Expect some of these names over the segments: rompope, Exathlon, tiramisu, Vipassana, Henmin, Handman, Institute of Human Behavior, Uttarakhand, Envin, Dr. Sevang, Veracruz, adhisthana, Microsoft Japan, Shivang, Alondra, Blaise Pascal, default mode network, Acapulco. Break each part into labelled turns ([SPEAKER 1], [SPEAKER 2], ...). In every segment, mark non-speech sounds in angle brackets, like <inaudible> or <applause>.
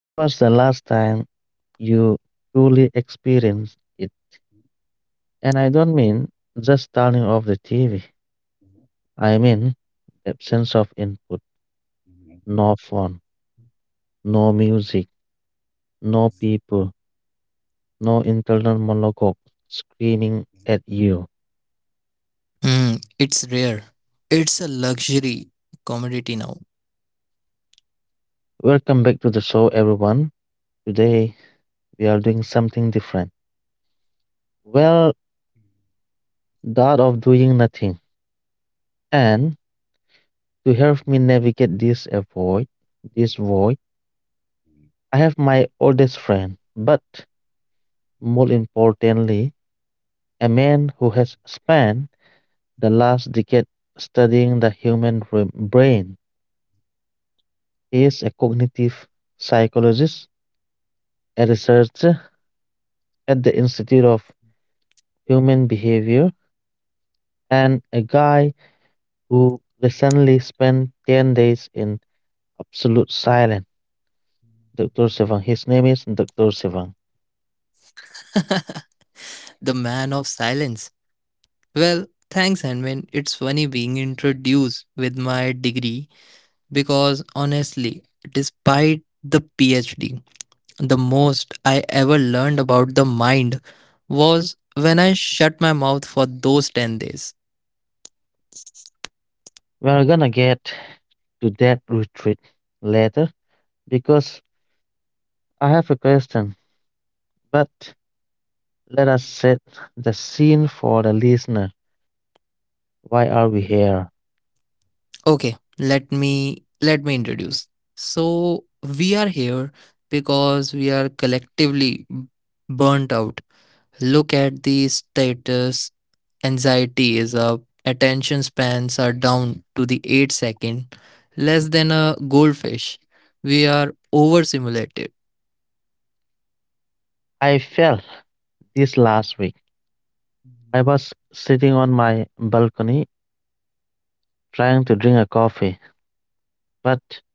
[SPEAKER 1] When was the last time you truly experienced it? And I don't mean just turning off the TV. I mean the absence of input. No phone, no music, no people, no internal monologue screaming at you.
[SPEAKER 2] Hmm, it's rare. It's a luxury commodity now.
[SPEAKER 1] Welcome back to the show, everyone. Today we are doing something different. Well, that of doing nothing. And to help me navigate this void, this void, I have my oldest friend, but more importantly, a man who has spent the last decade studying the human brain. He is a cognitive psychologist, a researcher at the Institute of Human Behavior, and a guy who recently spent 10 days in absolute silence. Dr. Sevang. His name is Dr. Sevang.
[SPEAKER 2] <laughs> The man of silence. Well, thanks, Handman. It's funny being introduced with my degree because honestly, despite the PhD, the most I ever learned about the mind was when I shut my mouth for those 10 days.
[SPEAKER 1] We're gonna get to that retreat later because I have a question. But let us set the scene for the listener. Why are we here?
[SPEAKER 2] Okay, let me introduce. So, we are here because we are collectively burnt out. Look at the status. Anxiety is up. Attention spans are down to the 8-second, less than a goldfish. We are overstimulated.
[SPEAKER 1] I felt this last week. I was sitting on my balcony trying to drink a coffee, but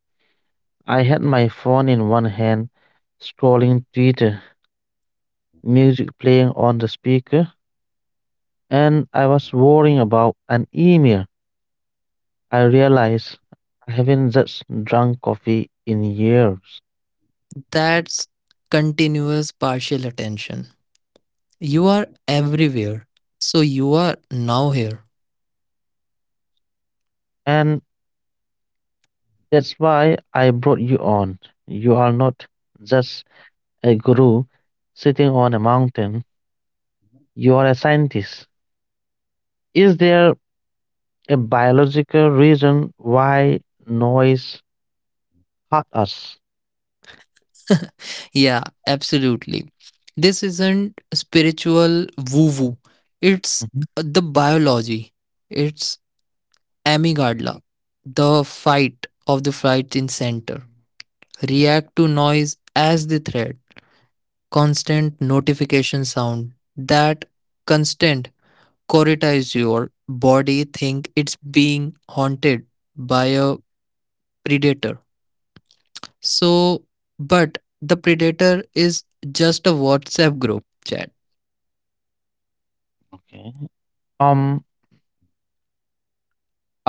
[SPEAKER 1] I had my phone in one hand scrolling Twitter, music playing on the speaker, and I was worrying about an email. I realized I haven't just drunk coffee in years.
[SPEAKER 2] That's continuous partial attention. You are everywhere. So you are now here.
[SPEAKER 1] And that's why I brought you on. You are not just a guru sitting on a mountain, you are a scientist. Is there a biological reason why noise hurt us?
[SPEAKER 2] Yeah, absolutely. This isn't spiritual woo woo. It's
[SPEAKER 1] Mhm.
[SPEAKER 2] the biology. It's Amy the fight of the flights in center, react to noise as the threat, constant notification sound, that constant corretize your body think it's being haunted by a predator. So, but the predator is just a WhatsApp group chat.
[SPEAKER 1] Okay. Um,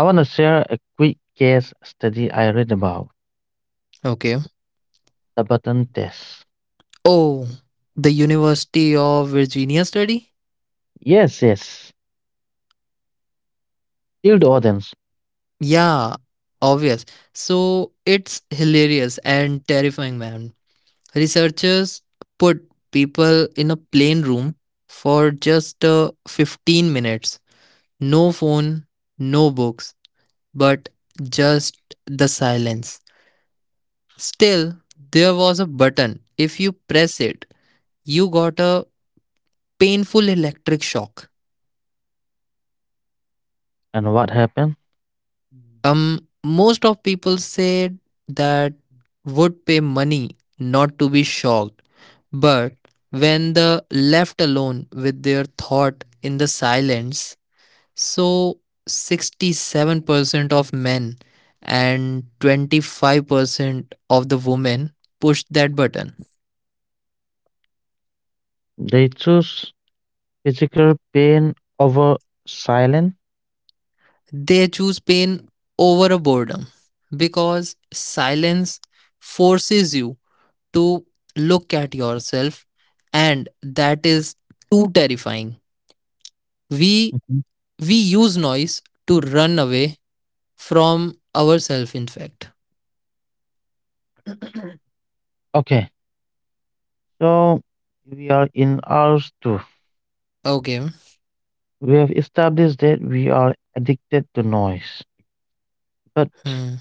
[SPEAKER 1] I want to share a quick case study I read about.
[SPEAKER 2] Okay.
[SPEAKER 1] The button test.
[SPEAKER 2] Oh, the University of Virginia study?
[SPEAKER 1] Yes, yes. Tell the audience.
[SPEAKER 2] Yeah, obvious. So it's hilarious and terrifying, man. Researchers put people in a plain room for just 15 minutes. No phone, no books, but just the silence. Still, there was a button. If you press it, you got a painful electric shock.
[SPEAKER 1] And what happened?
[SPEAKER 2] Most of people said that would pay money not to be shocked, but when the left alone with their thought in the silence, so 67% of men and 25% of the women pushed that button.
[SPEAKER 1] They choose physical pain over silence.
[SPEAKER 2] They choose pain over a boredom because silence forces you to look at yourself, and that is too terrifying. we
[SPEAKER 1] Mhm.
[SPEAKER 2] we use noise to run away from ourselves, in fact.
[SPEAKER 1] Okay, so we are in ours too.
[SPEAKER 2] Okay.
[SPEAKER 1] We have established that we are addicted to noise. But
[SPEAKER 2] Hmm.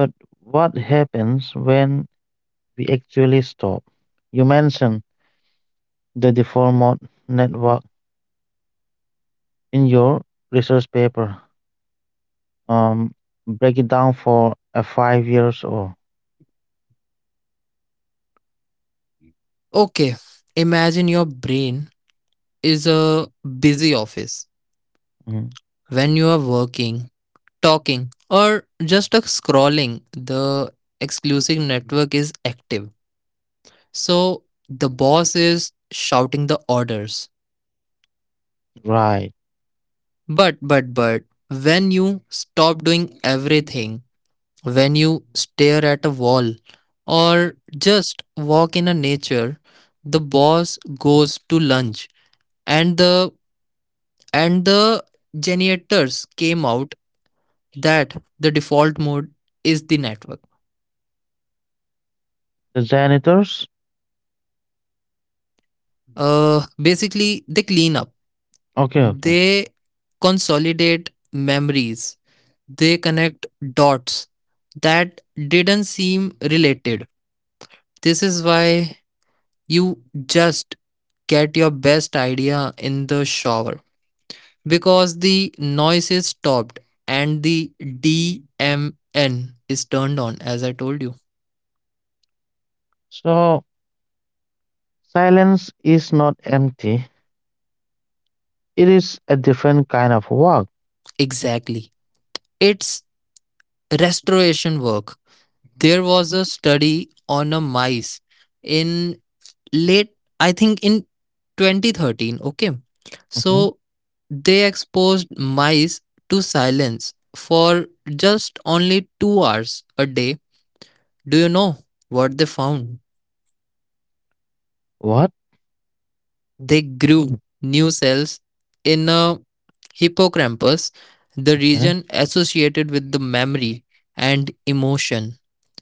[SPEAKER 1] but what happens when we actually stop? You mentioned the default mode network in your research paper. Um, Break it down for a 5 years old.
[SPEAKER 2] Okay, imagine your brain is a busy office. When you are working, talking, or just a scrolling, the exclusive network is active. So the boss is shouting the orders.
[SPEAKER 1] Right.
[SPEAKER 2] But when you stop doing everything, when you stare at a wall, or just walk in a nature, the boss goes to lunch, and the generators came out that the default mode is the network.
[SPEAKER 1] The janitors?
[SPEAKER 2] Basically, they clean up.
[SPEAKER 1] Okay, okay.
[SPEAKER 2] They consolidate memories, they connect dots that didn't seem related. This is why you just get your best idea in the shower because the noise is stopped and the DMN is turned on, as I told you.
[SPEAKER 1] So silence is not empty. It is a different kind of work.
[SPEAKER 2] Exactly. It's restoration work. There was a study on a mice in late, I think, in 2013. Okay,
[SPEAKER 1] Mhm.
[SPEAKER 2] so they exposed mice to silence for just only 2 hours a day. Do you know what they found?
[SPEAKER 1] What?
[SPEAKER 2] They grew new cells in a hippocampus, the
[SPEAKER 1] Okay.
[SPEAKER 2] region associated with the memory and emotion.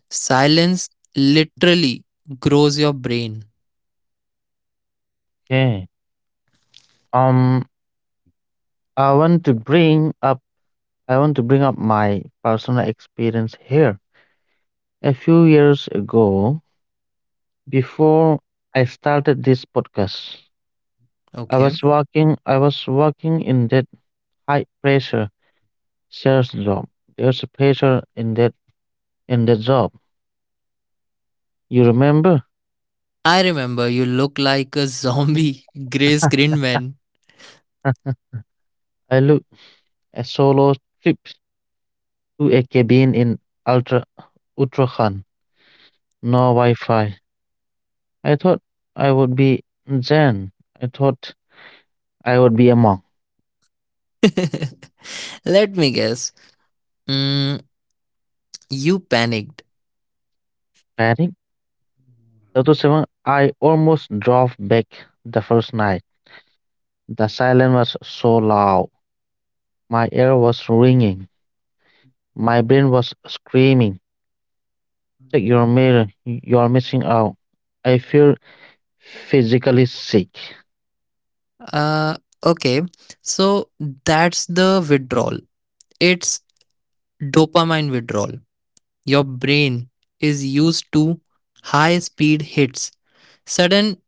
[SPEAKER 2] Silence literally grows your brain.
[SPEAKER 1] Okay. Um, I want to bring up I want to bring up my personal experience here. A few years ago, before I started this podcast, I
[SPEAKER 2] Okay.
[SPEAKER 1] was working I was working in that high pressure sales job. There's a pressure in that job. You remember?
[SPEAKER 2] I remember you look like a zombie, <laughs> grey screen man.
[SPEAKER 1] <laughs> I looked a solo trip to a cabin in Ultra Uttarakhand. No Wi Fi. I thought I would be Zen. I thought I would be a monk.
[SPEAKER 2] <laughs> Let me guess. Mm, you panicked.
[SPEAKER 1] Panic. 37, I almost drove back the first night. The silence was so loud. My ear was ringing. My brain was screaming, check your mirror. You're missing out. I feel physically sick.
[SPEAKER 2] Uh, okay, so that's the withdrawal. It's dopamine withdrawal. Your brain is used to high speed hits. Sudden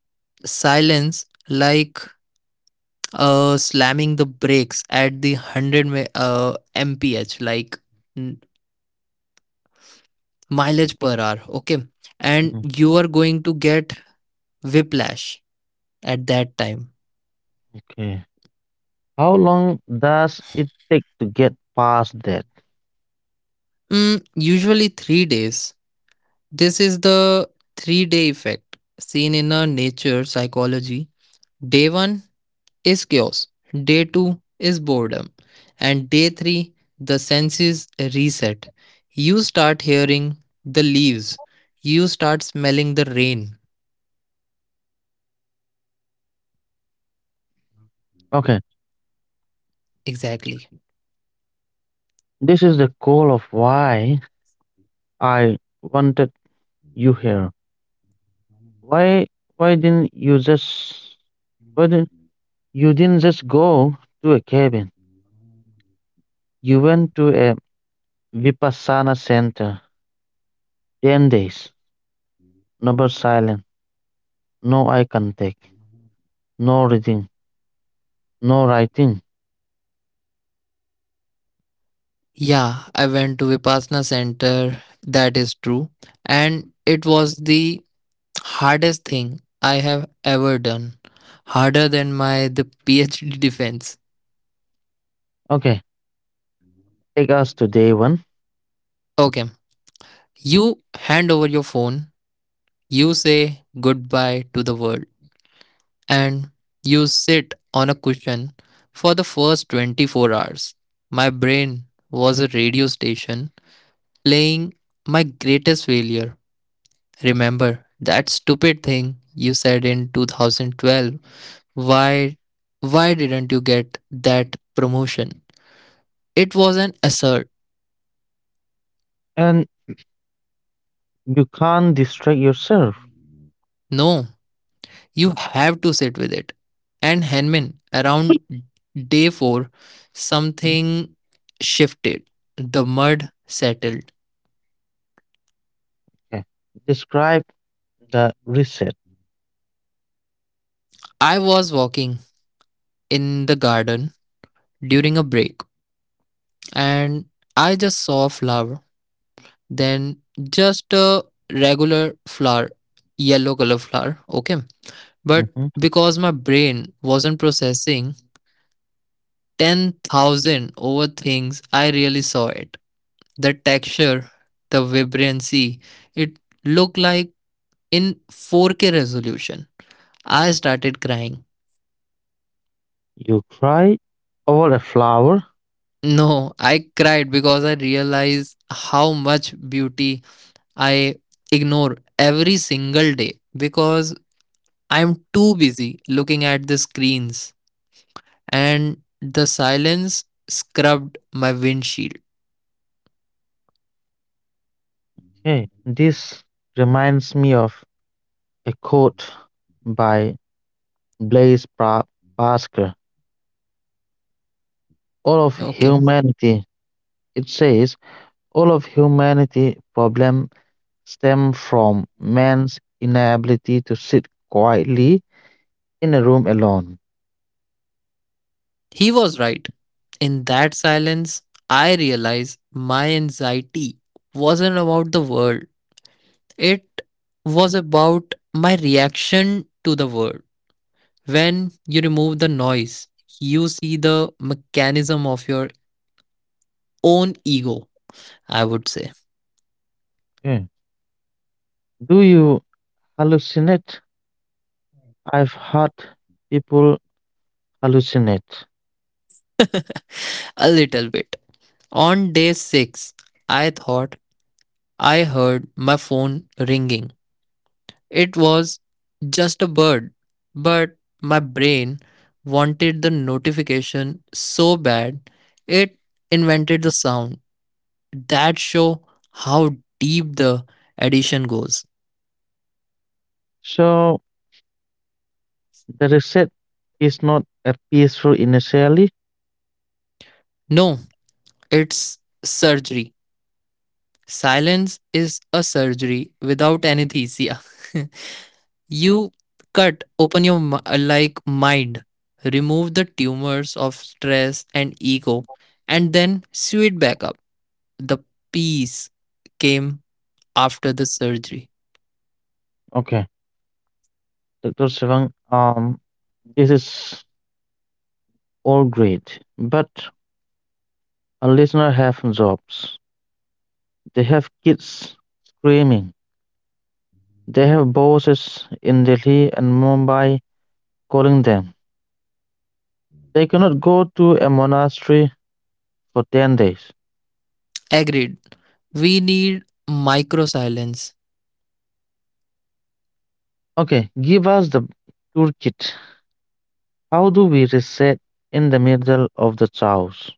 [SPEAKER 2] silence, like slamming the brakes at the 100 mph, like mm, mileage per hour. Okay, and
[SPEAKER 1] Mhm.
[SPEAKER 2] you are going to get whiplash at that time.
[SPEAKER 1] Okay. How long does it take to get past that?
[SPEAKER 2] Usually 3 days. This is the 3 day effect seen in a nature psychology. Day 1 is chaos, day 2 is boredom, and day 3, the senses reset. You start hearing the leaves, you start smelling the rain.
[SPEAKER 1] Okay.
[SPEAKER 2] Exactly.
[SPEAKER 1] This is the goal of why I wanted you here. Why why didn't you just why didn't you didn't just go to a cabin? You went to a Vipassana center. 10 days. Number silent. No I can take. No reading. No writing.
[SPEAKER 2] Yeah, I went to Vipassana center, that is true. And it was the hardest thing I have ever done. Harder than my the PhD defense.
[SPEAKER 1] Okay. Take us to day one.
[SPEAKER 2] Okay. You hand over your phone, you say goodbye to the world, and you sit on a cushion for the first 24 hours. My brain was a radio station playing my greatest failure. Remember that stupid thing you said in 2012? Why why didn't you get that promotion? It wasn't assert.
[SPEAKER 1] And you can't distract yourself.
[SPEAKER 2] No, you have to sit with it. And Henman, around day 4, something shifted. The mud settled.
[SPEAKER 1] Okay. Describe the reset.
[SPEAKER 2] I was walking in the garden during a break and I just saw a flower. Then just a regular flower, yellow color flower. Okay. But
[SPEAKER 1] Mhm.
[SPEAKER 2] because my brain wasn't processing 10,000 over things, I really saw it. The texture, the vibrancy. It looked like in 4K resolution. I started crying.
[SPEAKER 1] You cry over a flower.
[SPEAKER 2] No, I cried because I realized how much beauty I ignore every single day because I'm too busy looking at the screens and the silence scrubbed my windshield.
[SPEAKER 1] Okay. This reminds me of a quote by Blaise pra- Pascal. All of
[SPEAKER 2] Okay.
[SPEAKER 1] humanity, it says, all of humanity problem stem from man's inability to sit quietly in a room alone.
[SPEAKER 2] He was right. In that silence, I realized my anxiety wasn't about the world, it was about my reaction to the world. When you remove the noise, you see the mechanism of your own ego, I would say.
[SPEAKER 1] Okay. Do you hallucinate? I've heard people hallucinate.
[SPEAKER 2] A little bit. On day 6, I thought I heard my phone ringing. It was just a bird, but my brain wanted the notification so bad it invented the sound. That show how deep the addition goes.
[SPEAKER 1] So the reset is not a peaceful initially.
[SPEAKER 2] No, it's surgery. Silence is a surgery without anesthesia. <laughs> You cut open your like mind, remove the tumors of stress and ego, and then sew it back up. The peace came after the surgery.
[SPEAKER 1] Okay. Dr. Sivang, this is all great, but our listener have jobs. They have kids screaming. They have bosses in Delhi and Mumbai calling them. They cannot go to a monastery for 10 days.
[SPEAKER 2] Agreed. We need micro silence.
[SPEAKER 1] Okay, give us the toolkit. How do we reset in the middle of the chaos?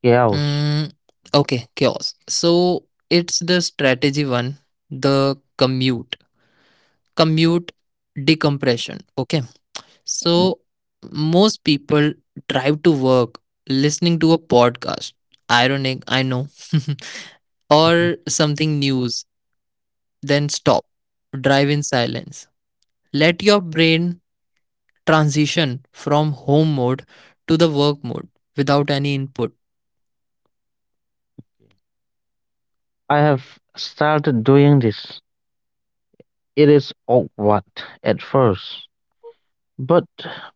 [SPEAKER 1] Chaos.
[SPEAKER 2] Mm, okay, chaos. So it's the strategy one, the commute. Commute decompression. Okay. So most people drive to work listening to a podcast. Ironic, I know. <laughs>
[SPEAKER 1] Mhm.
[SPEAKER 2] Or something news. Then stop. Drive in silence. Let your brain transition from home mode to the work mode without any input.
[SPEAKER 1] I have started doing this. It is awkward at first, but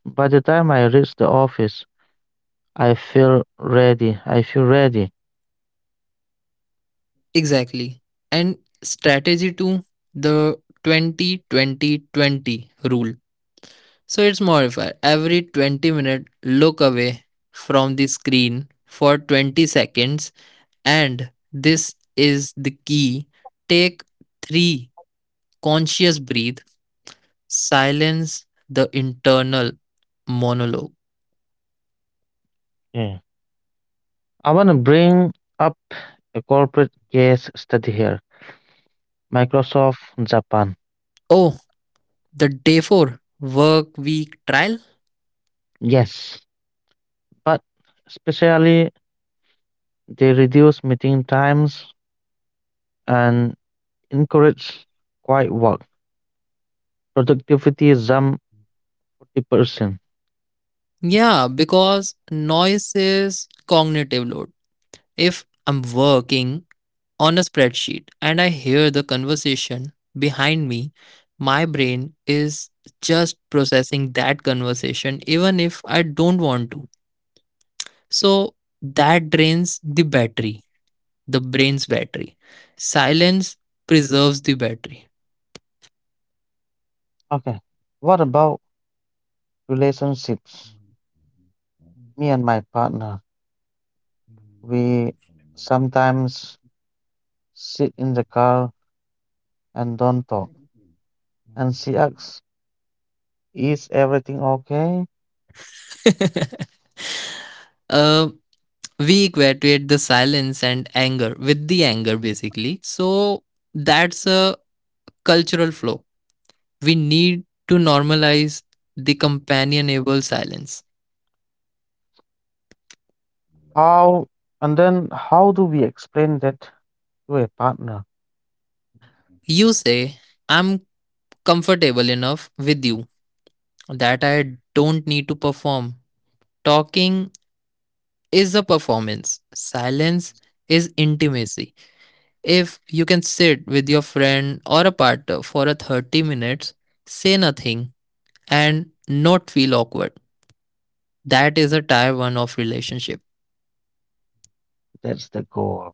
[SPEAKER 1] by the time I reach the office, I feel ready.
[SPEAKER 2] Exactly. And strategy two, the 20-20-20 rule. So it's modified. Every 20-minute look away from the screen for 20 seconds, and this is the key. Take 3 conscious breathe, silence the internal monologue.
[SPEAKER 1] Yeah. I want to bring up a corporate case study here. Microsoft Japan.
[SPEAKER 2] Oh, the day 4 work week trial.
[SPEAKER 1] Yes, but especially they reduce meeting times and encourage quiet work. Productivity is jumped 40%.
[SPEAKER 2] Yeah, because noise is cognitive load. If I'm working on a spreadsheet and I hear the conversation behind me, my brain is just processing that conversation, even if I don't want to. So that drains the battery, the brain's battery. Silence preserves the battery.
[SPEAKER 1] Okay. What about relationships? Me and my partner, we sometimes sit in the car and don't talk. And she asks, is everything okay?
[SPEAKER 2] Uh, we equate the silence and anger with the anger, basically. So that's a cultural flow. We need to normalize the companionable silence.
[SPEAKER 1] How? And then how do we explain that to a partner?
[SPEAKER 2] You say, I'm comfortable enough with you that I don't need to perform. Talking is a performance. Silence is intimacy. If you can sit with your friend or a partner for a 30 minutes, say nothing, and not feel awkward. That is a tier one of relationship.
[SPEAKER 1] That's the goal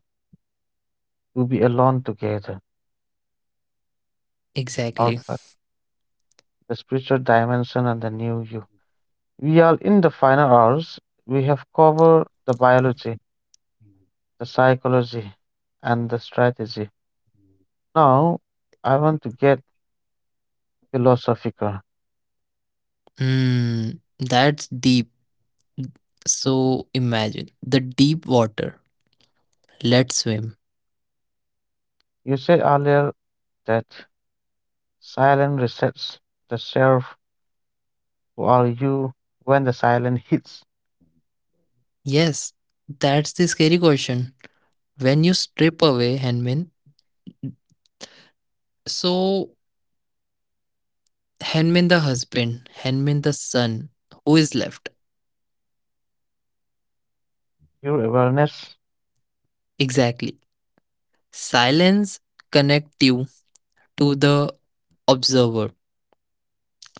[SPEAKER 1] to be alone together.
[SPEAKER 2] Exactly.
[SPEAKER 1] Alright. The spiritual dimension and the new you. We are in the final hours. We have covered the biology, the psychology, and the strategy. Now, I want to get philosophical.
[SPEAKER 2] Hmm. That's deep. So imagine the deep water. Let's swim.
[SPEAKER 1] You said earlier that silence resets the self. Who are you when the silence hits
[SPEAKER 2] Yes, that's the scary question. When you strip away Henmin, so Henmin the husband, Henmin the son, who is left?
[SPEAKER 1] your awareness?
[SPEAKER 2] Exactly. Silence connect you to the observer.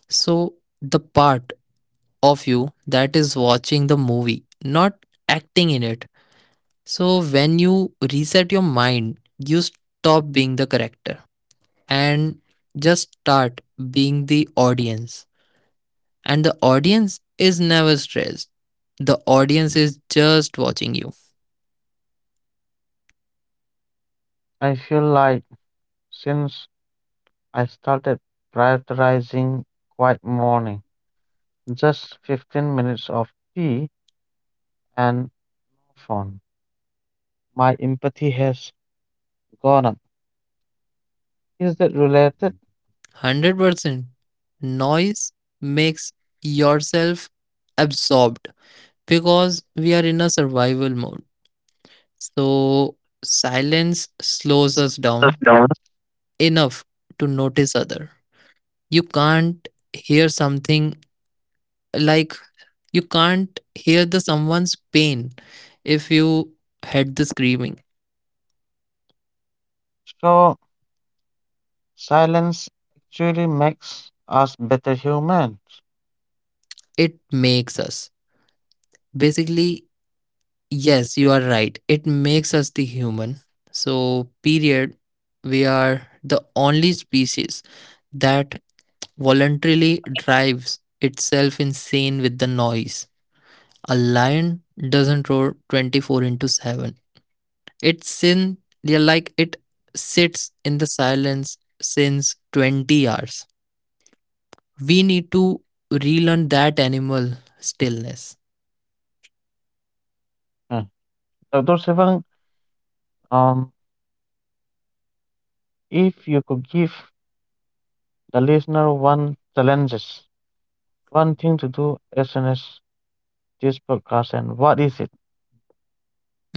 [SPEAKER 2] So the part of you that is watching the movie, not acting in it. So when you reset your mind, you stop being the character and just start being the audience. And the audience is never stressed. The audience is just watching you.
[SPEAKER 1] I feel like since I started prioritizing quiet morning, just 15 minutes of tea and phone, my empathy has gone up. Is that related?
[SPEAKER 2] 100%. Noise makes yourself absorbed because we are in a survival mode. So silence slows us down
[SPEAKER 1] Sure.
[SPEAKER 2] enough to notice other. You can't hear something, like you can't hear the someone's pain if you heard the screaming.
[SPEAKER 1] So silence actually makes us better humans.
[SPEAKER 2] It makes us. Basically, yes, you are right. It makes us the human. So period, we are the only species that voluntarily drives itself insane with the noise. A lion doesn't roar 24/7. It sin. They are like it sits in the silence since 20 hours. We need to relearn that animal stillness.
[SPEAKER 1] Uh, Dr. Sivan, um, if you could give the listener one challenges, one thing to do as soon as this podcast and what is it?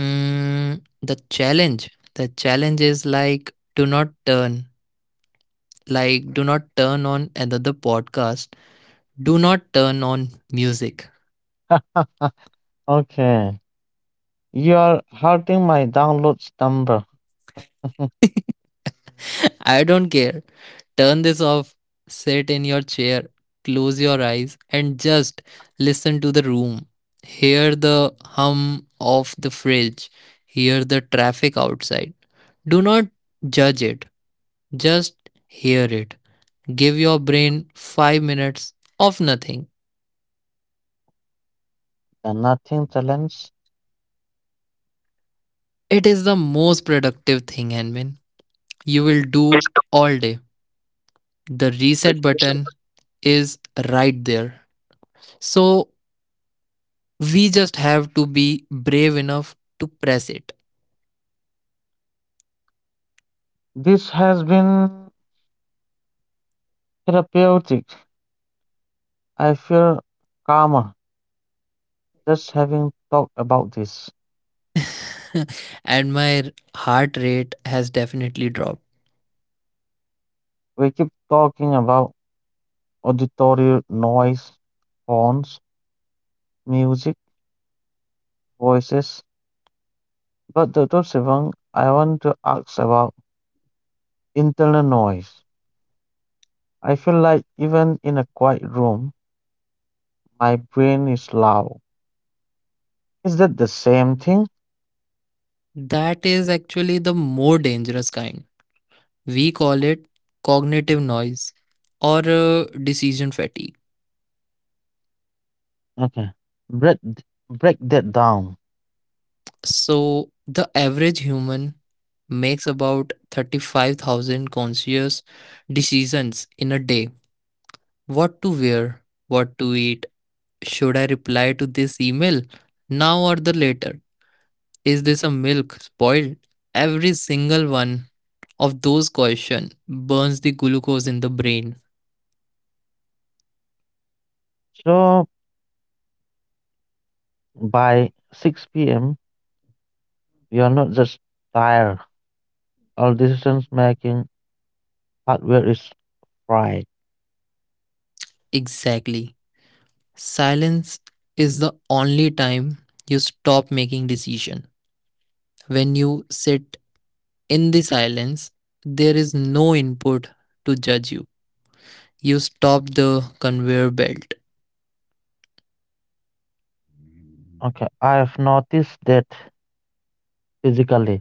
[SPEAKER 2] The challenge. The challenge is like do not turn on another podcast. Do not turn on music.
[SPEAKER 1] Okay, you are hurting my downloads number.
[SPEAKER 2] <laughs> I don't care. Turn this off, sit in your chair, close your eyes, and just listen to the room. Hear the hum of the fridge, hear the traffic outside. Do not judge it, just hear it. Give your brain 5 minutes of nothing.
[SPEAKER 1] The nothing challenge.
[SPEAKER 2] It is the most productive thing, Hanmin. You will do all day. The reset button is right there. So we just have to be brave enough to press it.
[SPEAKER 1] This has been therapeutic. I feel calmer just having talked about this.
[SPEAKER 2] <laughs> And my heart rate has definitely dropped.
[SPEAKER 1] We keep talking about auditory noise, horns, music, voices. But Dr. Sivang, I want to ask about internal noise. I feel like even in a quiet room, my brain is loud. Is that the same thing?
[SPEAKER 2] That is actually the more dangerous kind. We call it cognitive noise, or decision fatigue.
[SPEAKER 1] Okay. Break, break that down.
[SPEAKER 2] So, the average human makes about 35,000 conscious decisions in a day. What to wear? What to eat? Should I reply to this email now or the later? Is this a milk spoiled? Every single one of those questions burns the glucose in the brain.
[SPEAKER 1] So by 6 p.m., you are not just tired. All decisions making hardware is fried.
[SPEAKER 2] Exactly. Silence is the only time you stop making decision. When you sit in the silence, there is no input to judge you. You stop the conveyor belt.
[SPEAKER 1] Okay. I have noticed that physically.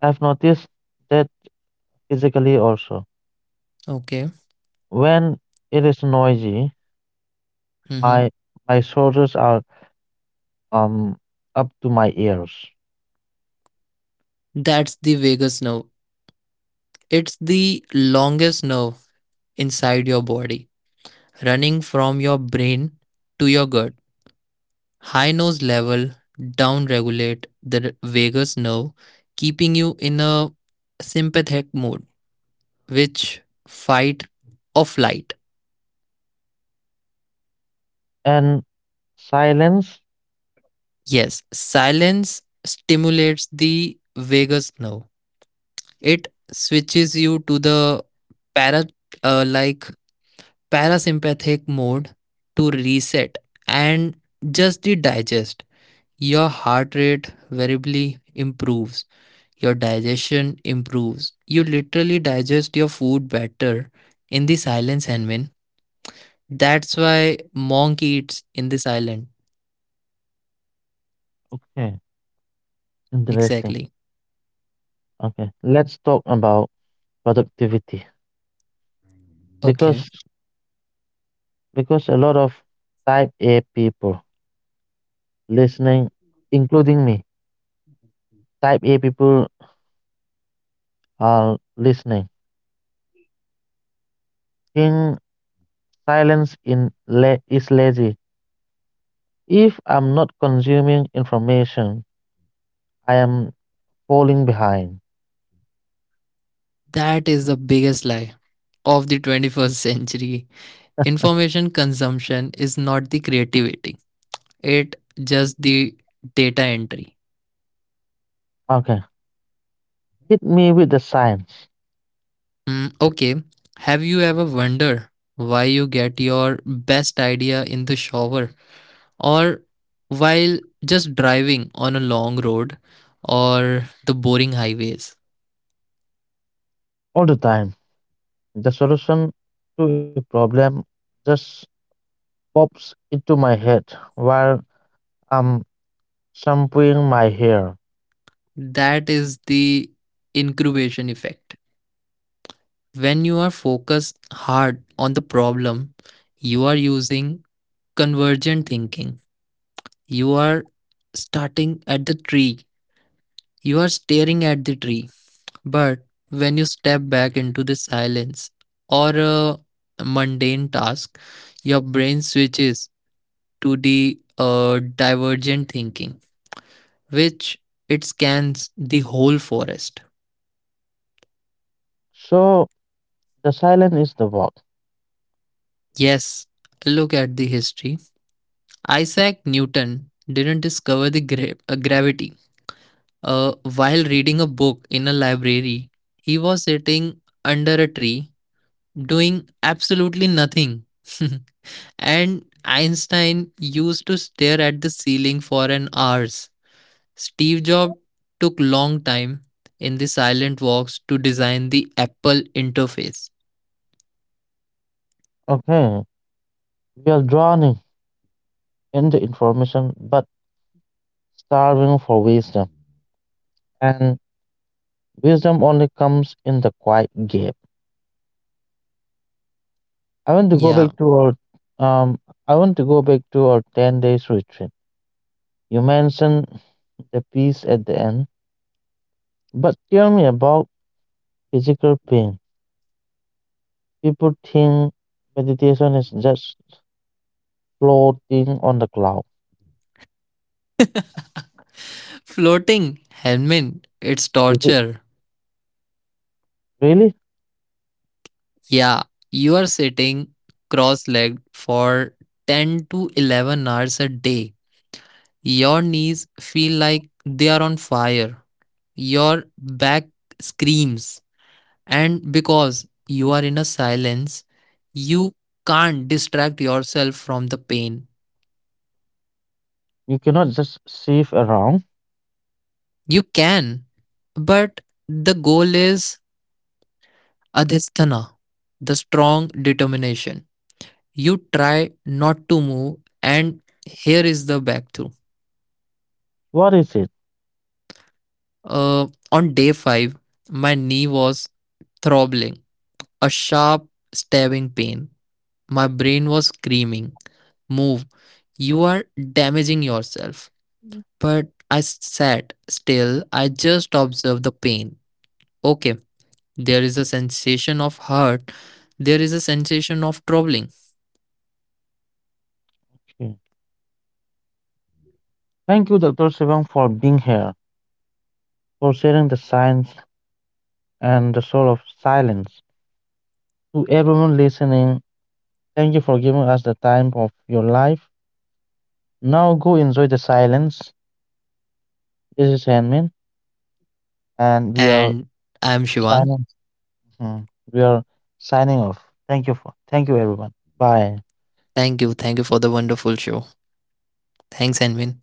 [SPEAKER 1] I've noticed that Physically also.
[SPEAKER 2] Okay.
[SPEAKER 1] When it is noisy,
[SPEAKER 2] hmm
[SPEAKER 1] my my shoulders are um up to my ears.
[SPEAKER 2] That's the vagus nerve. It's the longest nerve inside your body, running from your brain to your gut. High nose level down regulate the vagus nerve, keeping you in a sympathetic mode, which fight or flight.
[SPEAKER 1] And silence,
[SPEAKER 2] Yes, silence stimulates the vagus nerve. It switches you to the para like parasympathetic mode to reset and just the digest. Your heart rate variably improves. Your digestion improves. You literally digest your food better in the silence, Henmin. That's why monk eats in the silence.
[SPEAKER 1] okay, interesting.
[SPEAKER 2] Exactly.
[SPEAKER 1] Okay, let's talk about productivity because
[SPEAKER 2] Okay,
[SPEAKER 1] a lot of type A people listening, including me, type A people are listening. In silence is lazy. If I'm not consuming information, I am falling behind.
[SPEAKER 2] that is the biggest lie of the 21st century. Information consumption is not the creativity, it just the data entry.
[SPEAKER 1] Okay. Hit me with the science
[SPEAKER 2] Hmm, okay, have you ever wondered why you get your best idea in the shower or while just driving on a long road or the boring highways?
[SPEAKER 1] all the time. The solution to a problem just pops into my head while I'm shampooing my hair.
[SPEAKER 2] That is the incubation effect. When you are focused hard on the problem, you are using convergent thinking. You are starting at the tree, you are staring at the tree. But when you step back into the silence or a mundane task, your brain switches to the divergent thinking, which it scans the whole forest.
[SPEAKER 1] So the silence is the walk.
[SPEAKER 2] Yes, look at the history. Isaac Newton didn't discover the gravity. While reading a book in a library, he was sitting under a tree doing absolutely nothing. <laughs> And Einstein used to stare at the ceiling for an hours. Steve Jobs took long time in the silent walks to design the Apple interface.
[SPEAKER 1] Okay. We are drowning in the information but starving for wisdom. And wisdom only comes in the quiet gap. I want to go
[SPEAKER 2] Yeah.
[SPEAKER 1] back to our um I want to go back to our 10 days retreat. You mentioned the peace at the end. But tell me about physical pain. People think meditation is just floating on the cloud.
[SPEAKER 2] Floating, helmet, it's
[SPEAKER 1] Is it
[SPEAKER 2] torture.
[SPEAKER 1] really?
[SPEAKER 2] Yeah, you are sitting cross legged for 10 to 11 hours a day. Your knees feel like they are on fire. Your back screams. And because you are in a silence, you can't distract yourself from the pain.
[SPEAKER 1] You cannot just shift around.
[SPEAKER 2] You can, but the goal is adhisthana, the strong determination. You try not to move, and here is the back through.
[SPEAKER 1] What is it?
[SPEAKER 2] On day 5, my knee was throbbing, a sharp, stabbing pain. My brain was screaming, "Move, you are damaging yourself." But I sat still, I just observed the pain. Okay, there is a sensation of hurt, there is a sensation of troubling.
[SPEAKER 1] Okay. Thank you, Dr. Sivang, for being here, for sharing the science and the soul of silence. To everyone listening, thank you for giving us the time of your life. Now go enjoy the silence. This is Handman, and we are
[SPEAKER 2] And I'm Shivang.
[SPEAKER 1] signing. Mhm. We are signing off. Thank you, everyone. Bye.
[SPEAKER 2] Thank you for the wonderful show. Thanks, Envin.